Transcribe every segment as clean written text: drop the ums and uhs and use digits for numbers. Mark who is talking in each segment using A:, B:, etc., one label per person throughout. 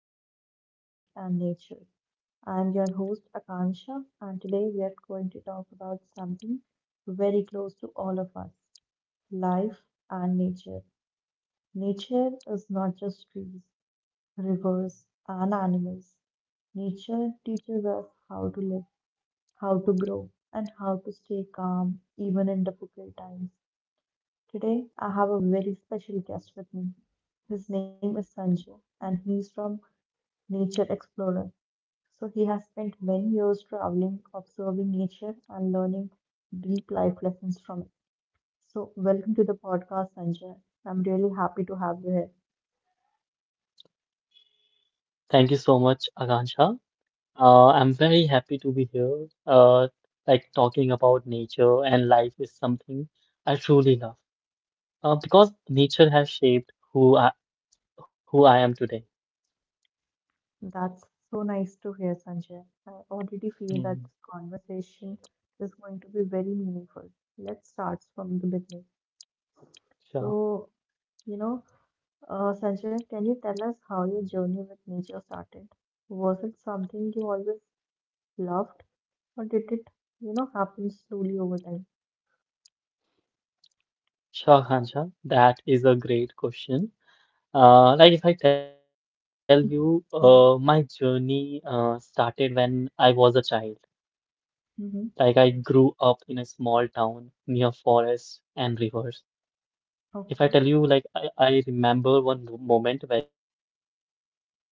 A: welcome to Life and Nature. I'm your host, Akansha, and today we are going to talk about something very close to all of us, life and nature. Nature is not just trees, rivers, and animals. Nature teaches us how to live, how to grow, and how to stay calm even in difficult times. Today, I have a very special guest with me. His name is Sanjay, and he's from Nature Explorer. So, he has spent many years traveling, observing nature, and learning deep life lessons from it. So, welcome to the podcast, Sanjay. I'm really happy to have you here.
B: Thank you so much, Akansha. I'm very happy to be here. Like talking about nature and life is something I truly love. Because nature has shaped who I am today.
A: That's so nice to hear, Sanjay. I already feel that
B: Hmm.
A: this conversation is going to be very meaningful. Let's start from the beginning.
B: Sure,
A: So, you know, Sanjay, can you tell us how your journey with nature started? Was it something you always loved, or did it, happen slowly over time?
B: sure, Akansha. That is a great question. Like if I tell you, my
A: Mm-hmm.
B: journey started when I was a child. Like I
A: Mm-hmm.
B: grew up in a small town near forests and rivers. If I tell
A: Okay.
B: you, like, I remember one moment very clearly.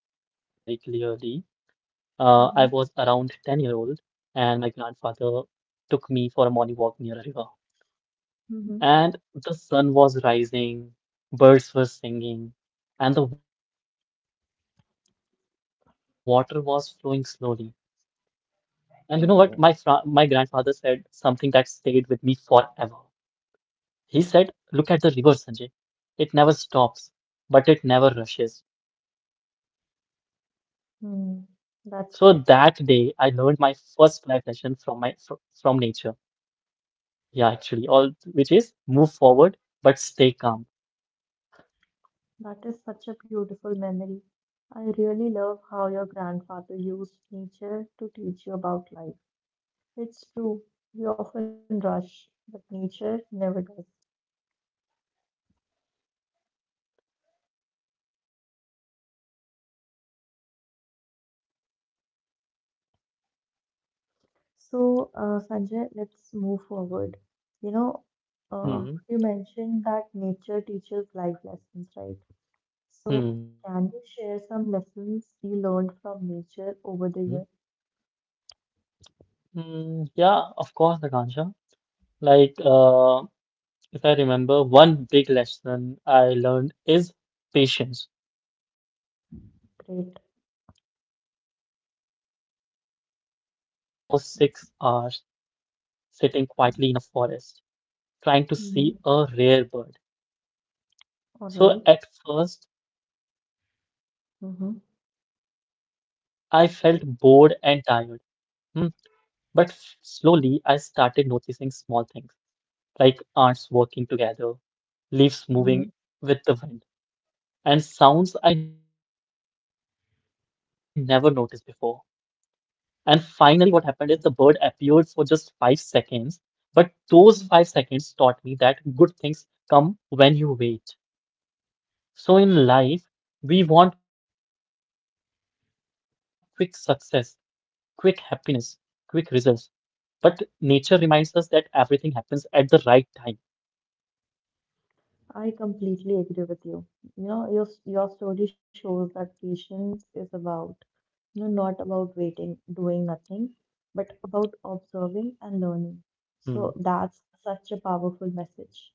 B: I was around 10-year-old,
A: Mm-hmm.
B: and my grandfather took me for a morning walk near a river.
A: Mm-hmm.
B: And the sun was rising, birds were singing, and the water was flowing slowly. And you know what? My grandfather said
A: Okay.
B: something that stayed with me forever. He said, "Look at the river, Sanjay. It never stops, but it never rushes." So that day, I learned
A: Hmm.
B: my first
A: That's
B: life
A: great.
B: lesson from my fr from nature. Yeah, actually, all which is move forward but stay calm.
A: That is such a beautiful memory. I really love
B: Hmm.
A: how your grandfather used nature to teach you about life. It's true, we often rush, but nature never does.
B: Yeah.
A: So, Sanjay, let's move forward. You know,
B: Hmm.
A: you mentioned that nature teaches life lessons, right? So,
B: Hmm.
A: can you share some lessons you learned from nature over the year?
B: Hmm. Yeah. Of course, Akansha. Like, if I remember, one big lesson I learned is patience.
A: Great.
B: Um, Once I spent almost 6 hours sitting quietly in a forest, trying to see a
A: Mm-hmm.
B: rare bird. So
A: All
B: at
A: right.
B: first, I felt bored
A: Mm-hmm.
B: and tired. Hmm. But slowly, I started noticing small things like ants working together, leaves moving with
A: Mm-hmm.
B: the wind, and sounds I never noticed before. And finally, what happened is the bird appeared for just 5 seconds. But those 5 seconds taught me that good things come when you wait. So in life, we want quick success, quick happiness, quick results. But nature reminds us that everything happens at the right time.
A: I completely agree with you. You know, your story shows that patience is about, not about waiting, doing nothing, but about
B: Hmm.
A: observing and learning. So that's such a powerful message.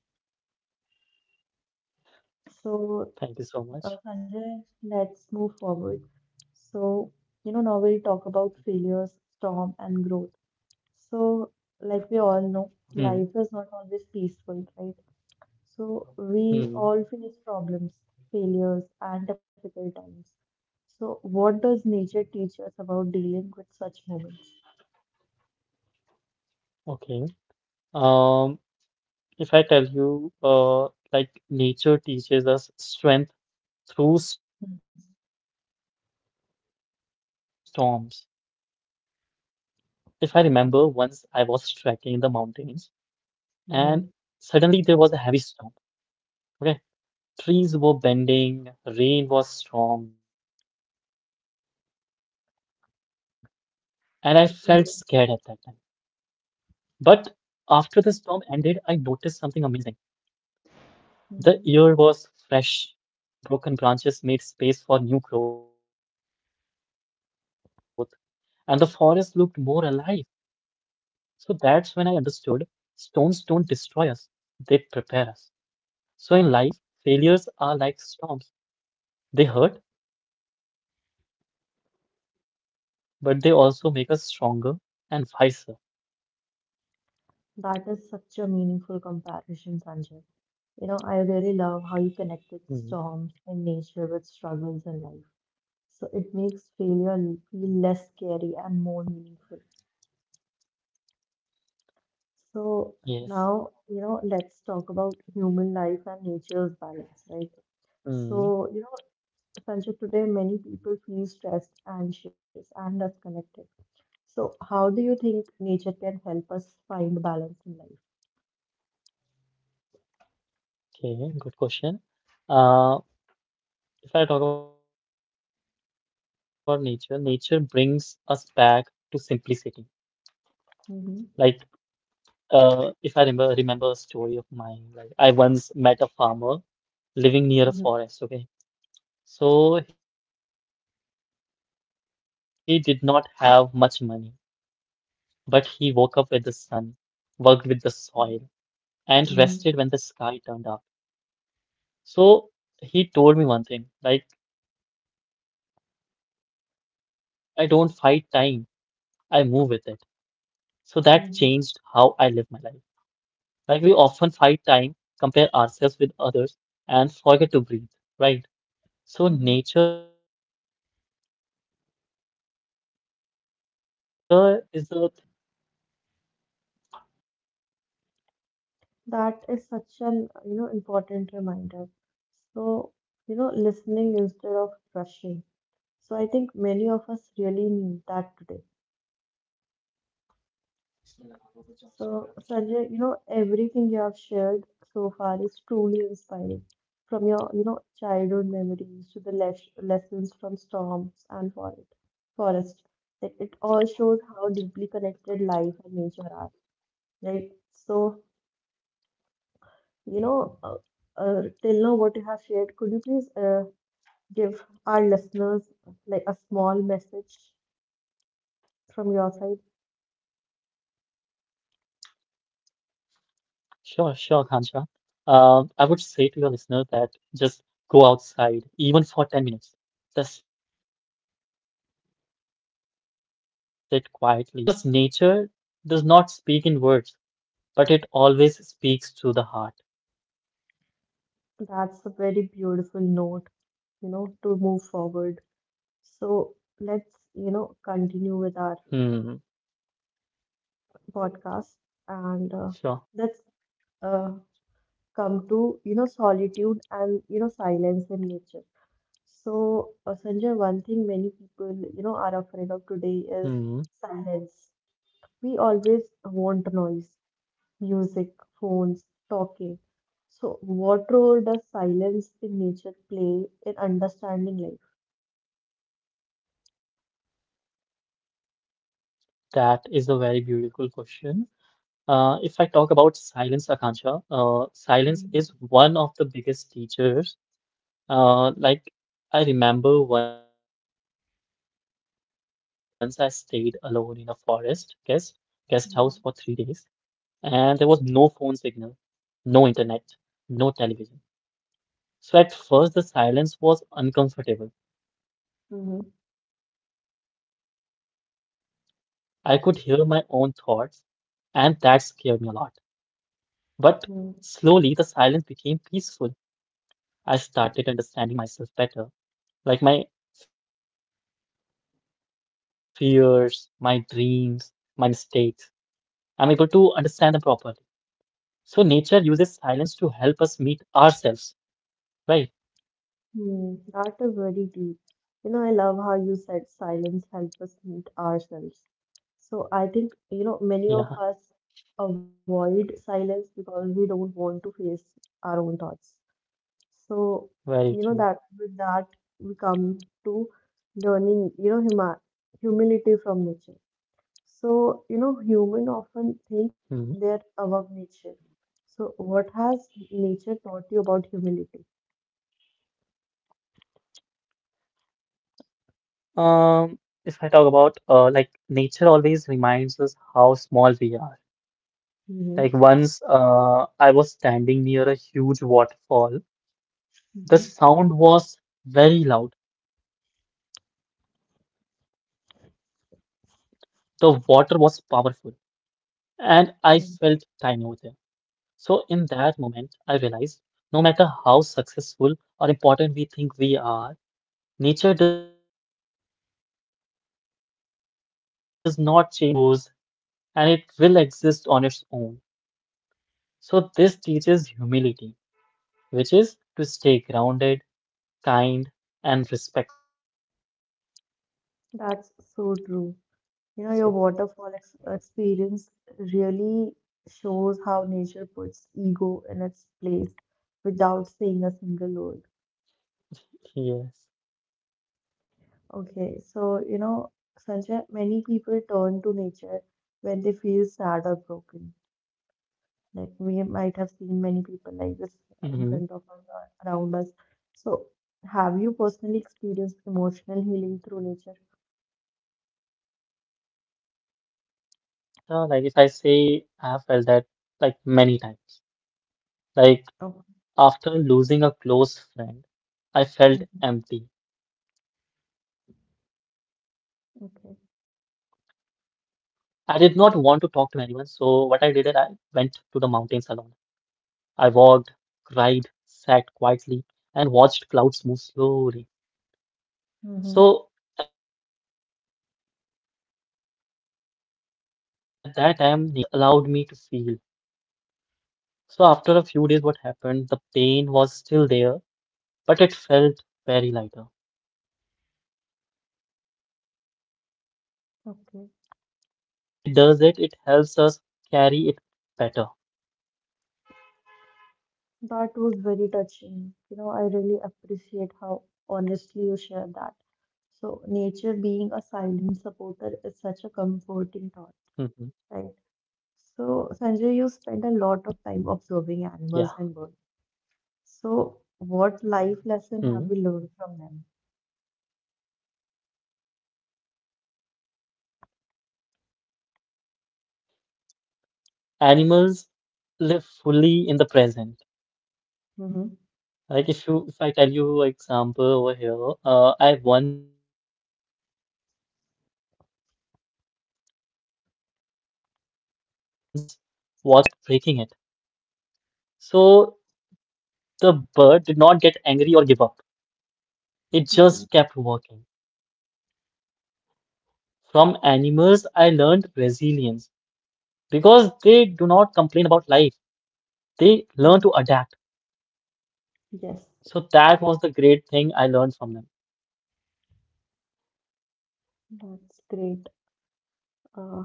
B: Thank you
A: So,
B: so much.
A: Sanjay, let's move forward. So, now we'll talk about failures, storm, and growth. So,
B: Hmm.
A: like we all know, life is not always peaceful, right? So
B: Hmm.
A: we all face problems, failures, and difficult times. So what does nature teach us about dealing with such moments?
B: Okay. Um, if I tell you, like nature teaches us strength through
A: Mm.
B: storms. If I remember, once I was trekking
A: Okay.
B: in the mountains and
A: Hmm.
B: suddenly there was a heavy storm. Okay. Trees were bending, rain was strong, and I felt
A: Mhm.
B: scared at that time. But after the storm ended, I noticed something amazing.
A: Hmm.
B: The air was fresh, broken branches made space for new growth, and the forest looked more alive. So that's when I understood storms don't destroy us, they prepare us. So in life, failures are like storms. They hurt, but they also make us stronger and wiser.
A: That is such a meaningful comparison, Sanjay. I really love how you connected
B: Hmm.
A: storms in nature with struggles in life. So it makes failure feel less scary and more meaningful. So now,
B: Yes.
A: let's talk about human life and nature's balance, right? So,
B: Hmm.
A: Sanjay, today many people feel stressed, anxious, and disconnected. So, how do you think nature can help us find balance in life?
B: Okay, good question. Uh, if I talk about nature, nature brings us back to simplicity. Like,
A: Mm-hmm.
B: if I remember a story of mine, like I once met a farmer living near a
A: Mm-hmm.
B: forest. Okay, so he did not have much money, but he woke up with the sun, worked with the soil, and rested when the sky turned dark.
A: Mm-hmm.
B: So he told me one thing, like I don't fight time, I move with it. So that changed how I live my life.
A: Mm-hmm.
B: Like we often fight time, compare ourselves with others, and forget to breathe, right? So
A: Mm-hmm.
B: nature is the thing that teaches us to slow down and listen.
A: That is such an important reminder. So listening instead of rushing. So I think many of us really need that today. So Sanjay, everything you have shared so far is truly inspiring. From your childhood memories to the lessons from storms and forest, like it all shows how deeply connected life and nature are. Right. So you know uh, till now what you have shared, could you please give our listeners like a small message from your side.
B: Sure, sure, Kancha. I would say to your listeners that just go outside, even for 10 minutes. Just sit quietly, watch the sky, listen to birds, because nature does not speak in words, but it always speaks through the heart.
A: That's a very beautiful note, to move forward. So
B: Hmm.
A: let's, continue with our podcast
B: Sure.
A: and let's uh, come to, solitude and, silence in nature. So, Sanjay, one
B: Hmm.
A: thing many people, are afraid of today is silence. We always want noise, music, phones, talking. So, what role does silence in nature play in understanding life?
B: That is a very beautiful question. If I talk about silence, Akansha,
A: Mm-hmm.
B: silence is one of the biggest teachers. Like I remember once I stayed alone in a forest guest house for 3 days, and there was no phone signal, no internet, no television. So at first, the silence was
A: Mm-hmm.
B: uncomfortable. I could hear my own thoughts, and that scared me a lot. But slowly, the silence became peaceful. I started understanding myself better, like my fears, my dreams, my mistakes. I'm able to understand them properly. So nature uses silence to help us meet ourselves,
A: Mm-hmm.
B: right?
A: That is very deep. I love how you said silence helps us meet ourselves. So I think, many of us
B: Yeah,
A: avoid silence because we don't want to face our own thoughts. So, that with that
B: very
A: we
B: true.
A: come to learning, you know, huma humility from nature. So, human often
B: Hmm.
A: think they're above nature. So, what has nature taught you about humility?
B: Um, if I talk about like nature always reminds us how small we are.
A: Hmm.
B: Like once I was standing near a huge waterfall. The
A: Hmm.
B: sound was very loud. The water was powerful, and I felt tiny over there.
A: Mm.
B: So in that moment, I realized no matter how successful or important we think we are, nature does not change for us. It flows, it grows, and it will exist on its own. So, this teaches humility, which is to stay grounded, kind, and respectful.
A: That's so true. Your waterfall ex experience really shows how nature puts ego in its place without saying a single word.
B: Yes.
A: Okay, so Sanjay, many people turn to nature when they feel sad or broken. Like
B: Hmm.
A: we might have seen many people like this, in front of us or around us. So, have you personally experienced emotional healing through nature?
B: Yes, Akansha, like if I say I have felt that like many times. Like
A: Oh.
B: after losing a close friend, I felt
A: Mhm.
B: empty. I did not
A: Okay.
B: want to talk to anyone, so what I did is I went to the mountains alone. I walked, cried, sat quietly, and watched clouds move slowly.
A: Hmm.
B: So at that time, nature did not judge me or ask questions. It just allowed me to feel. So after a few days, what happened? The pain was still there, but it felt very lighter. So nature does not remove pain,
A: Okay.
B: but what it does it helps us carry it better.
A: That was very touching. I really appreciate how honestly you share that. So, nature being a
B: Mhm.
A: silent supporter is such a comforting thought, right? So, Sanjay,
B: Yeah.
A: you spend a lot of time observing animals and birds. So,
B: Hmm.
A: what life lesson have you learned from
B: If we talk about animals, animals live fully in the present.
A: them?
B: Like if I tell you example over here, I once watched a bird build its nest again and again because the wind kept breaking it. So the bird did not get angry or give up.
A: Mhm.
B: It just kept working. From animals, I learned resilience because they do not complain about life.
A: Mhm.
B: They learn to adapt.
A: Yes,
B: So that was the great thing I learned from them.
A: that's great. Uh,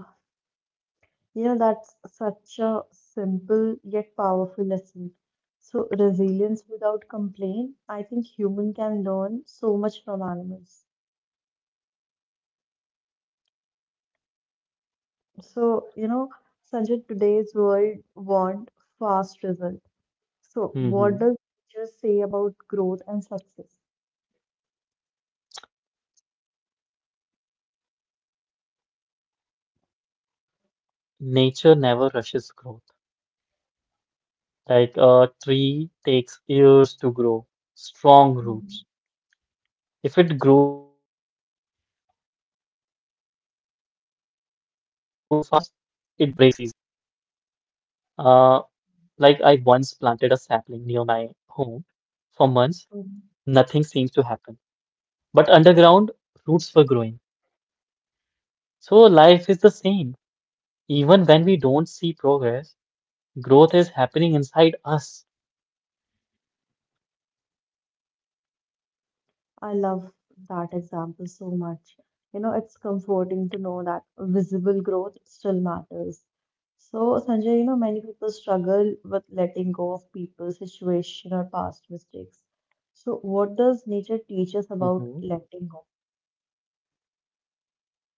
A: that's such a simple yet powerful lesson. So, resilience without complaint, I think human can learn so much from animals.
B: Hmm. Yes, Anuja.
A: So, Sanjay, today's world want fast result. So, what does
B: Mm-hmm.
A: nature say about growth and success?
B: Um, like nature never rushes growth. Like a tree takes years to grow, strong roots.
A: Mhm.
B: If it grows too fast, it breaks easily. Uh, like I once planted a sapling near my home. For months, nothing
A: Mhm.
B: seems to happen. But underground, roots were growing. So life is the same. Even when we don't see progress, growth is happening inside us.
A: I love that example so much. It's comforting to know that visible growth still matters. So, Sanjay, many people struggle with letting go of people, situation, or past mistakes. So, what does nature teach us about
B: Hmm.
A: letting go?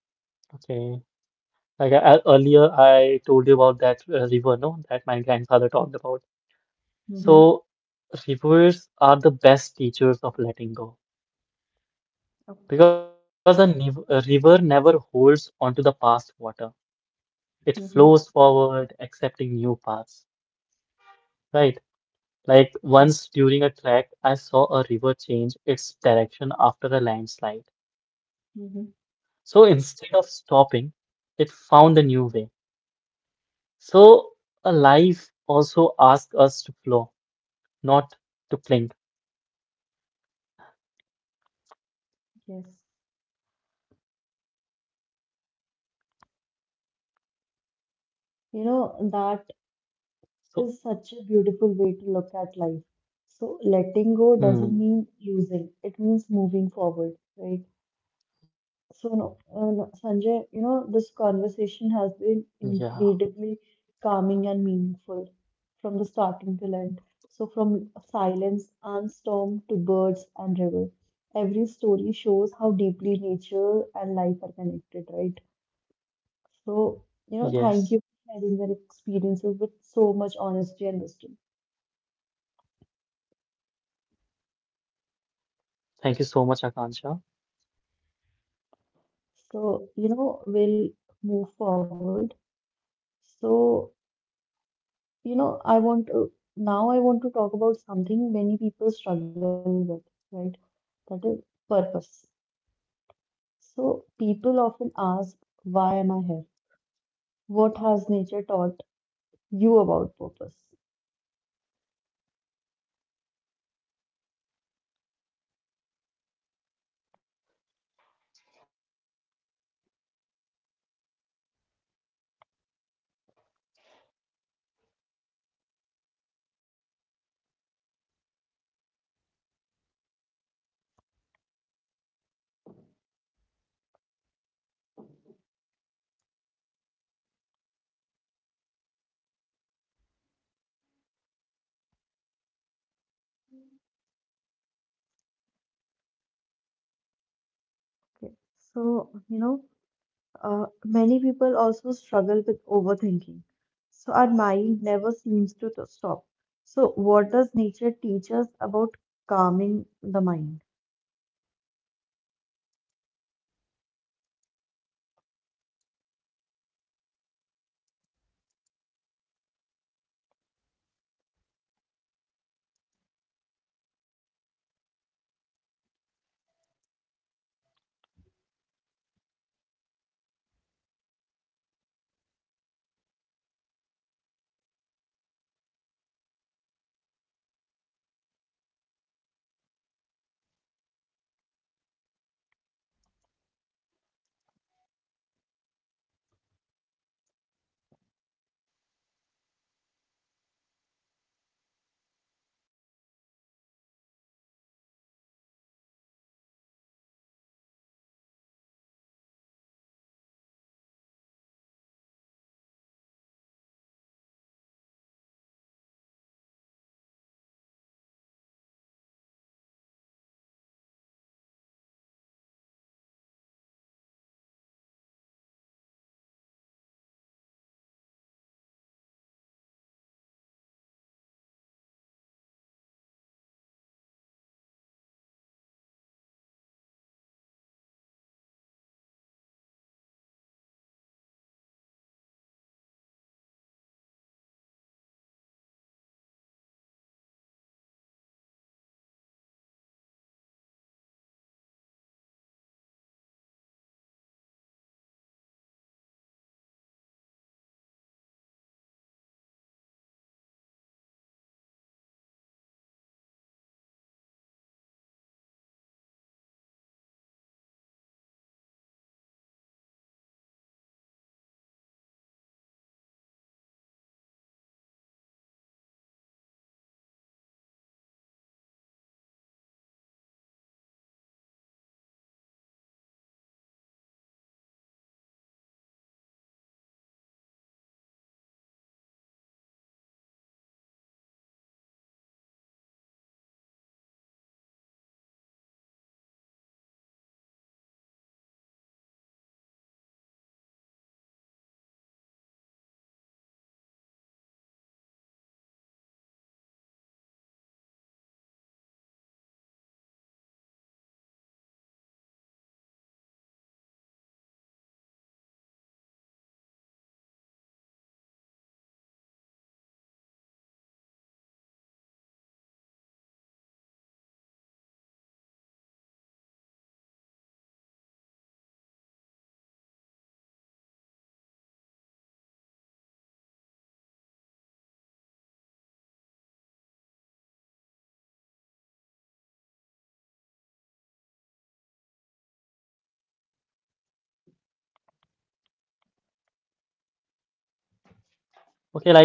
B: Okay. Like earlier, I told you about that river, no, that my grandfather talked about.
A: Mm-hmm.
B: So, rivers are the best teachers of letting go
A: Okay.
B: because a river never holds onto the past water. It
A: Mm-hmm.
B: flows forward, accepting new paths, right?
A: Yes.
B: Like once during a trek, I saw a river change its direction after a landslide.
A: Mm-hmm.
B: So instead of stopping, it found a new way. So, a life also asks us to flow, not to cling.
A: Yes. That
B: So,
A: is such a beautiful way to look at life. So, letting go doesn't
B: hmm,
A: mean losing, it means moving forward, right?
B: yeah,
A: So, no,
B: very
A: no,
B: true.
A: Sanjay, this conversation has been incredibly calming and meaningful from the starting till end. So, from silence and storm to birds and river, every story shows how deeply nature and life are connected, right? So,
B: Yes.
A: thank you for sharing your experiences with so much honesty and wisdom.
B: Thank you so much, Akansha.
A: So, we'll move forward. So, I want to now I want to talk about something many people struggle with, right? That is purpose. So people often ask, why am I here? What has nature taught you about purpose? Okay. So, many people also struggle with overthinking. So our mind never seems to stop. So what does nature teach us about calming the mind?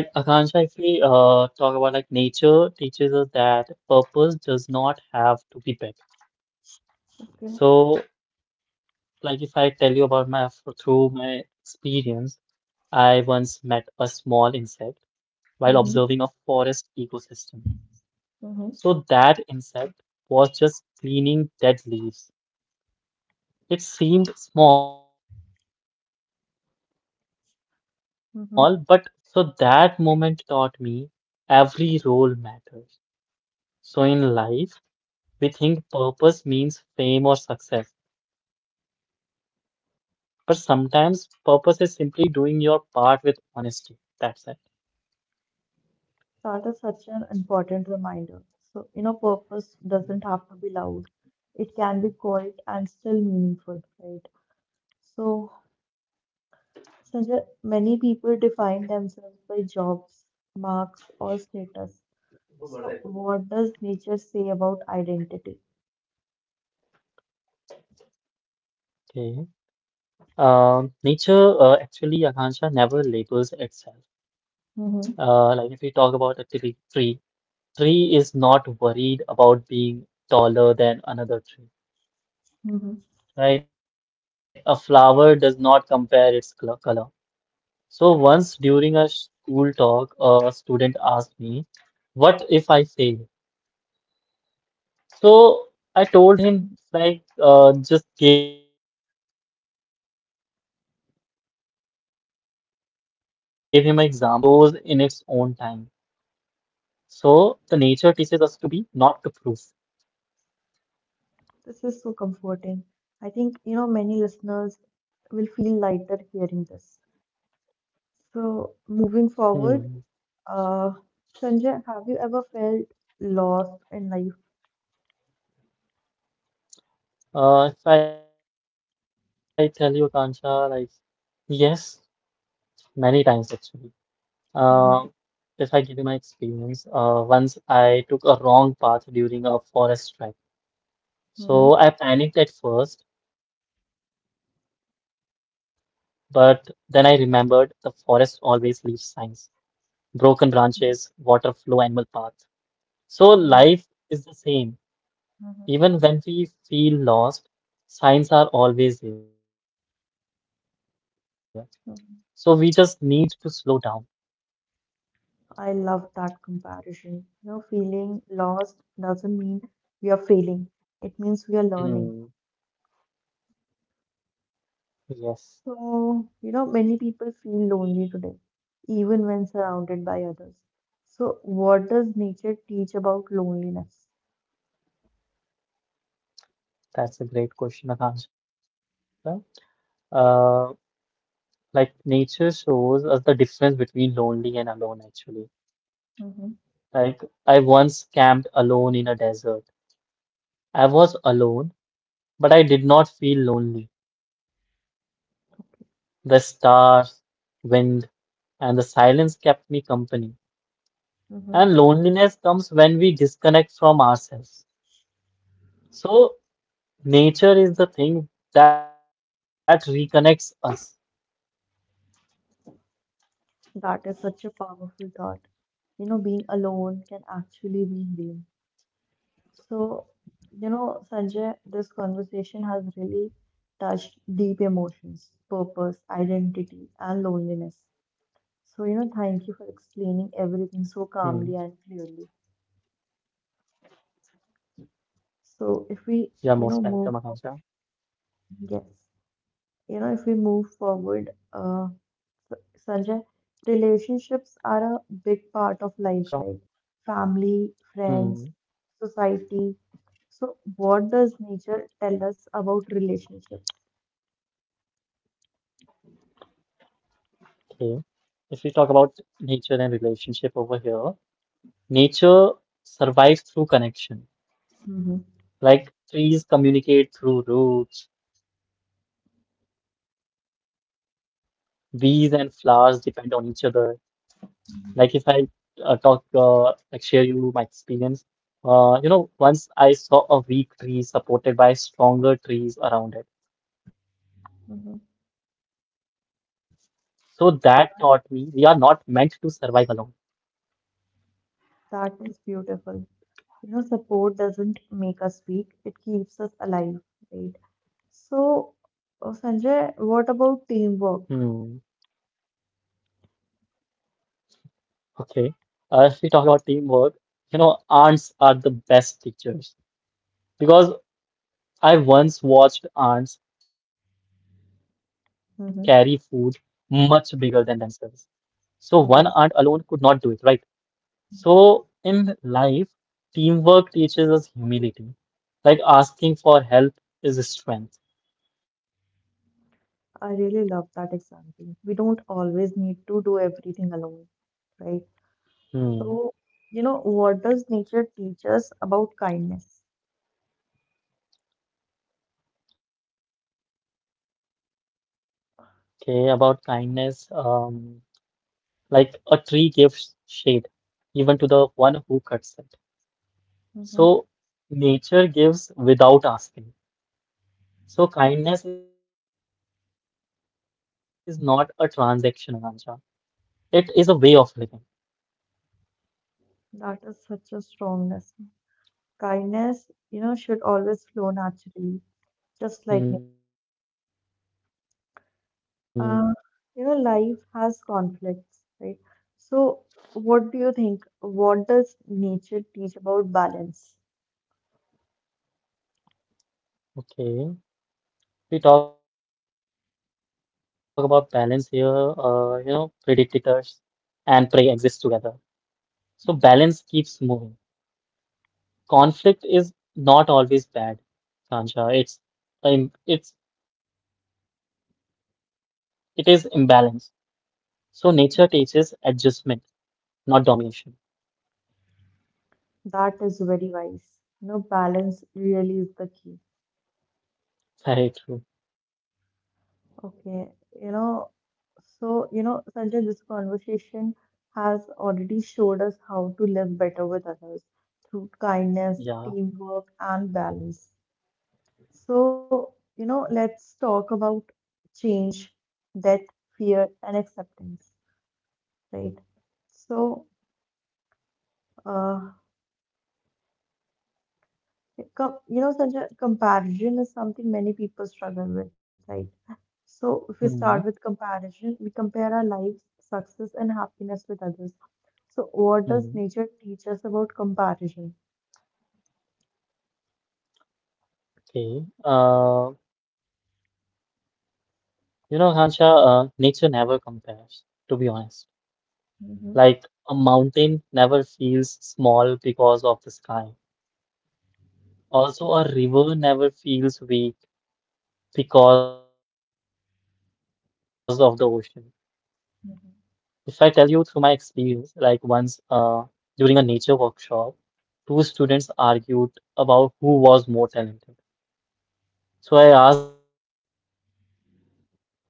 B: Okay, like Akansha, if we talk about like nature teaches us that purpose does not have to be big.
A: Okay.
B: So, like if I tell you about my through my experience, I once met a small insect
A: Mm-hmm.
B: while observing a forest ecosystem. So that insect was just cleaning dead leaves. It seemed small, but without it, the soil would
A: Mm-hmm.
B: lose nutrients. So that moment taught me every role matters. So in life, we think purpose means fame or success, but sometimes purpose is simply doing your part with honesty. That's it.
A: That is such an important reminder. So, purpose doesn't have to be loud. It can be quiet and still meaningful, right? So, Sanjay, many people define themselves by jobs, marks, or status. So, what does nature say about identity?
B: Okay. Nature actually, Akansha, never labels itself.
A: Hmm.
B: Like if we talk about a tree, tree is not worried about being taller than another tree,
A: Hmm.
B: right? A flower does not compare its color. So once during a school talk, a student asked me, "What if I fail?" So I told him, like, just gave him an example, like a seed does not fail; it grows in its own time. So the nature teaches us to be, not to prove.
A: This is so comforting. I think, many listeners will feel lighter hearing this.
B: Hmm.
A: So, moving forward, Uh, Sanjay, have you ever felt lost in life?
B: If I tell you, Kansha, like, yes, many times actually. Uh,
A: Mhm.
B: if I give you my experience, once I took a wrong path during a forest trek. So
A: Mhm.
B: I panicked at first, but then I remembered the forest always leaves signs, broken branches, water flow, animal path. So life
A: Mhm.
B: is the same.
A: Mhm.
B: Even when we feel lost, signs are always there. So we just need to slow down.
A: Mhm. I love that comparison. Feeling lost doesn't mean we are failing. It means we are
B: Hmm.
A: learning.
B: Yes,
A: So, many people feel lonely today, even when surrounded by others. So, what does nature teach about loneliness?
B: that's a great question, Akansha. Uh, like nature shows us the difference between lonely and alone, actually.
A: Mhm.
B: Like I once camped alone in a desert. I was alone, but I did not feel lonely. The stars, wind, and the silence kept me company.
A: Mhm.
B: And loneliness comes when we disconnect from ourselves. So nature is the thing that reconnects us.
A: That is such a powerful thought. Being alone can actually be healing. So, Sanjay, this conversation has really touched deep emotions, purpose, identity, and loneliness. So,
B: Hmm.
A: thank you for explaining everything so calmly and clearly.
B: You're
A: So, if
B: most
A: we,
B: welcome, Akansha.
A: move, yes, if we
B: Sure.
A: move forward, Sanjay, relationships are a big part of life, right? Family,
B: Hmm.
A: friends, society. So, what does nature tell us about relationships?
B: Okay. If we talk about nature and relationship over here, nature survives through connection.
A: Hmm.
B: Like trees communicate through roots, bees and flowers depend on each other. Like if I uh, talk, uh, like
A: Mhm.
B: share you my experience. Once I saw a weak tree supported by stronger trees around it. So
A: Hmm.
B: that taught me we are not meant to survive alone.
A: That is beautiful. Support doesn't make us weak, it keeps us alive, right? So,
B: Hmm.
A: Sanjay, what about teamwork?
B: Okay. If we talk about teamwork, ants are the best teachers because I once watched ants carry food much bigger than
A: Hmm.
B: themselves. So one ant alone could not do it,
A: Yes.
B: right? So
A: Mhm.
B: in life, teamwork teaches us humility. Like asking for help is strength.
A: I really love that example. We don't always need to do everything alone, right?
B: Hmm.
A: So, what does nature teach us about kindness?
B: Okay, about kindness, like a tree gives shade even to the one who cuts it. So
A: Hmm.
B: nature gives without asking. So kindness is not a transaction, Akansha. It is a way of living.
A: That is such a strong lesson. Kindness, should always flow naturally, just like.
B: Hmm.
A: Uh, Life has conflicts, right? So, what do you think? What does nature teach about balance?
B: Okay. We talk about balance here. Predators and prey exist together. So balance keeps moving. Conflict is not always bad, Akansha. It's im- it's It is imbalance. So nature teaches adjustment, not domination.
A: That is very wise. Balance really is the key.
B: Very true.
A: Okay, you know, so, Sanjay, this conversation has already showed us how to live better with others through kindness,
B: Yeah.
A: teamwork, and balance. So, let's talk about change, death, fear, and acceptance, right? So, uh, it com you know, such a comparison is something many people struggle with, right? So,
B: Hmm.
A: if we start with comparison, we compare our lives, success, and happiness with others. So, what does
B: Hmm.
A: nature teach us about comparison?
B: Okay. Hansha, nature never compares, to be honest. Like
A: Mm-hmm.
B: a mountain never feels small because of the sky.
A: Yes.
B: Also, a river never feels weak because of the ocean. If I tell you through my experience, like once during a nature workshop, two students argued about who was more talented. So I asked them to look at a rose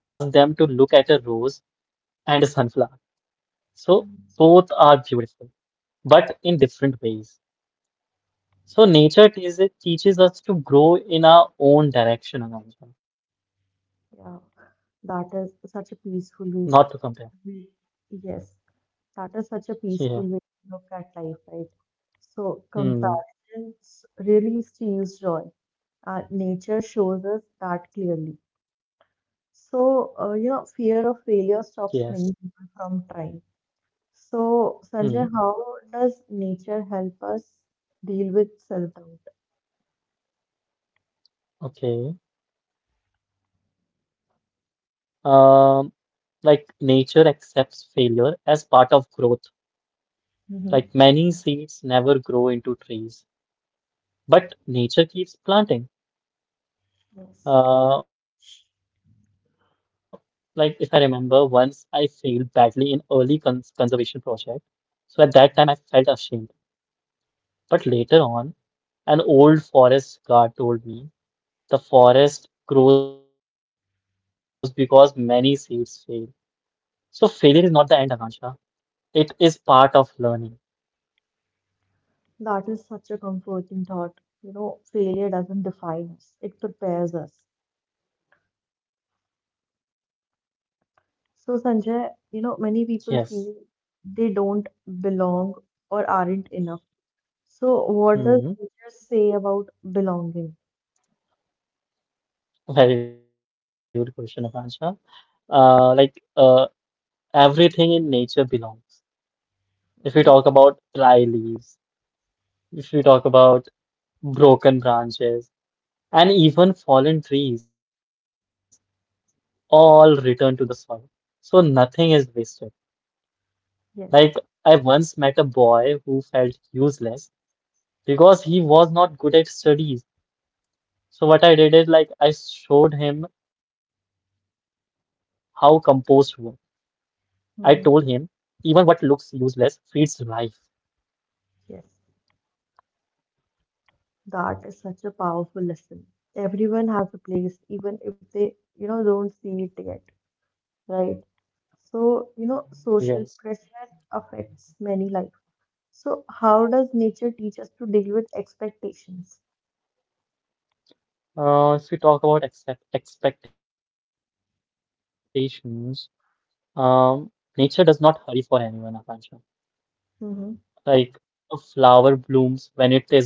B: and a sunflower. So both are
A: Mm-hmm.
B: beautiful, but in different ways. So nature teaches us to grow in our own direction, Ananja,
A: Yeah, that is such a
B: not
A: peaceful
B: to
A: way.
B: compare.
A: Yes. That is such a peaceful way to look at life, right?
B: Yeah.
A: So comparisons really
B: Hmm.
A: steals joy. Nature shows us that clearly. So, fear of failure stops
B: Yes.
A: many people from trying. So, Sanjay, how does nature
B: Hmm.
A: help us deal with self-doubt?
B: Okay. Um, like nature accepts failure as part of growth.
A: Hmm.
B: Like many seeds never grow into trees, but nature keeps planting.
A: Yes.
B: Uh, like if I remember, once I failed badly in early conservation project. So at that time, I felt ashamed. But later on, an old forest guard told me the forest grows because many seeds fail. So failure is not the end, Akansha. It is part of learning.
A: That is such a comforting thought. Failure doesn't define us, it prepares us.
B: Yes.
A: So, Sanjay, many people feel they don't belong or aren't enough. So, what does
B: Hmm.
A: nature say about belonging?
B: Very good question, Akansha. Like everything in nature belongs. If we
A: Hmm.
B: talk about dry leaves, if we talk about broken branches, and even fallen trees, all return to the soil. So nothing is wasted. Like,
A: Yes.
B: I once met a boy who felt useless because he was not good at studies. So, what I did is, like, I showed him how compost works. I told him, even
A: Hmm.
B: what looks useless feeds life.
A: Yes. That is such a powerful lesson. Everyone has a place, even if they, don't see it yet, right? So,
B: Yes.
A: social pressure affects many life. So, how does nature teach us to deal with expectations?
B: If we talk about accept expectations, um, nature does not hurry for anyone, Akansha.
A: Hmm.
B: Like, a flower blooms when it is ready,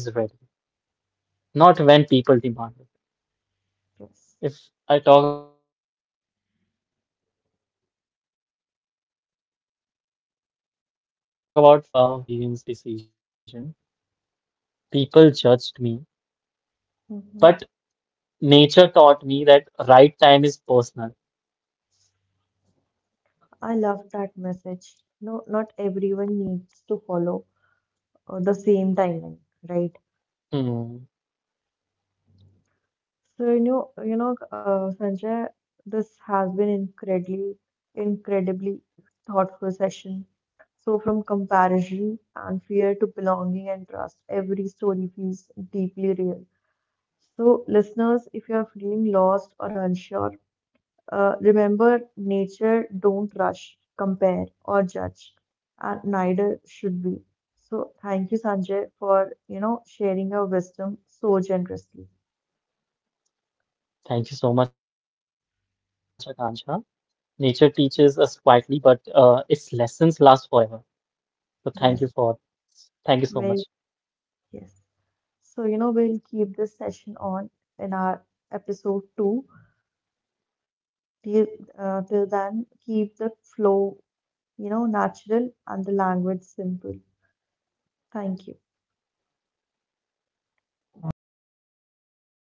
B: not when people demand it.
A: Yes.
B: If I talk about through my experiences, like once I delayed a big life decision, people judged me, but
A: Hmm.
B: nature taught me that right time is personal.
A: I love that message. No, not everyone needs to follow, the same timeline, right?
B: Hmm.
A: So Sanjay, this has been incredibly, incredibly thoughtful session. So from comparison and fear to belonging and trust, every story feels deeply real. So listeners, if you are feeling lost or unsure, remember, nature don't rush, compare, or judge, and neither should we. So thank you, Sanjay, for sharing your wisdom so generously.
B: Thank you so much, Akansha. Nature teaches us quietly, but its lessons last forever. So
A: Yes,
B: thank you so much.
A: very yes. So we'll keep this session on in our episode 2. Till till then, keep the flow natural and the language simple. Thank you.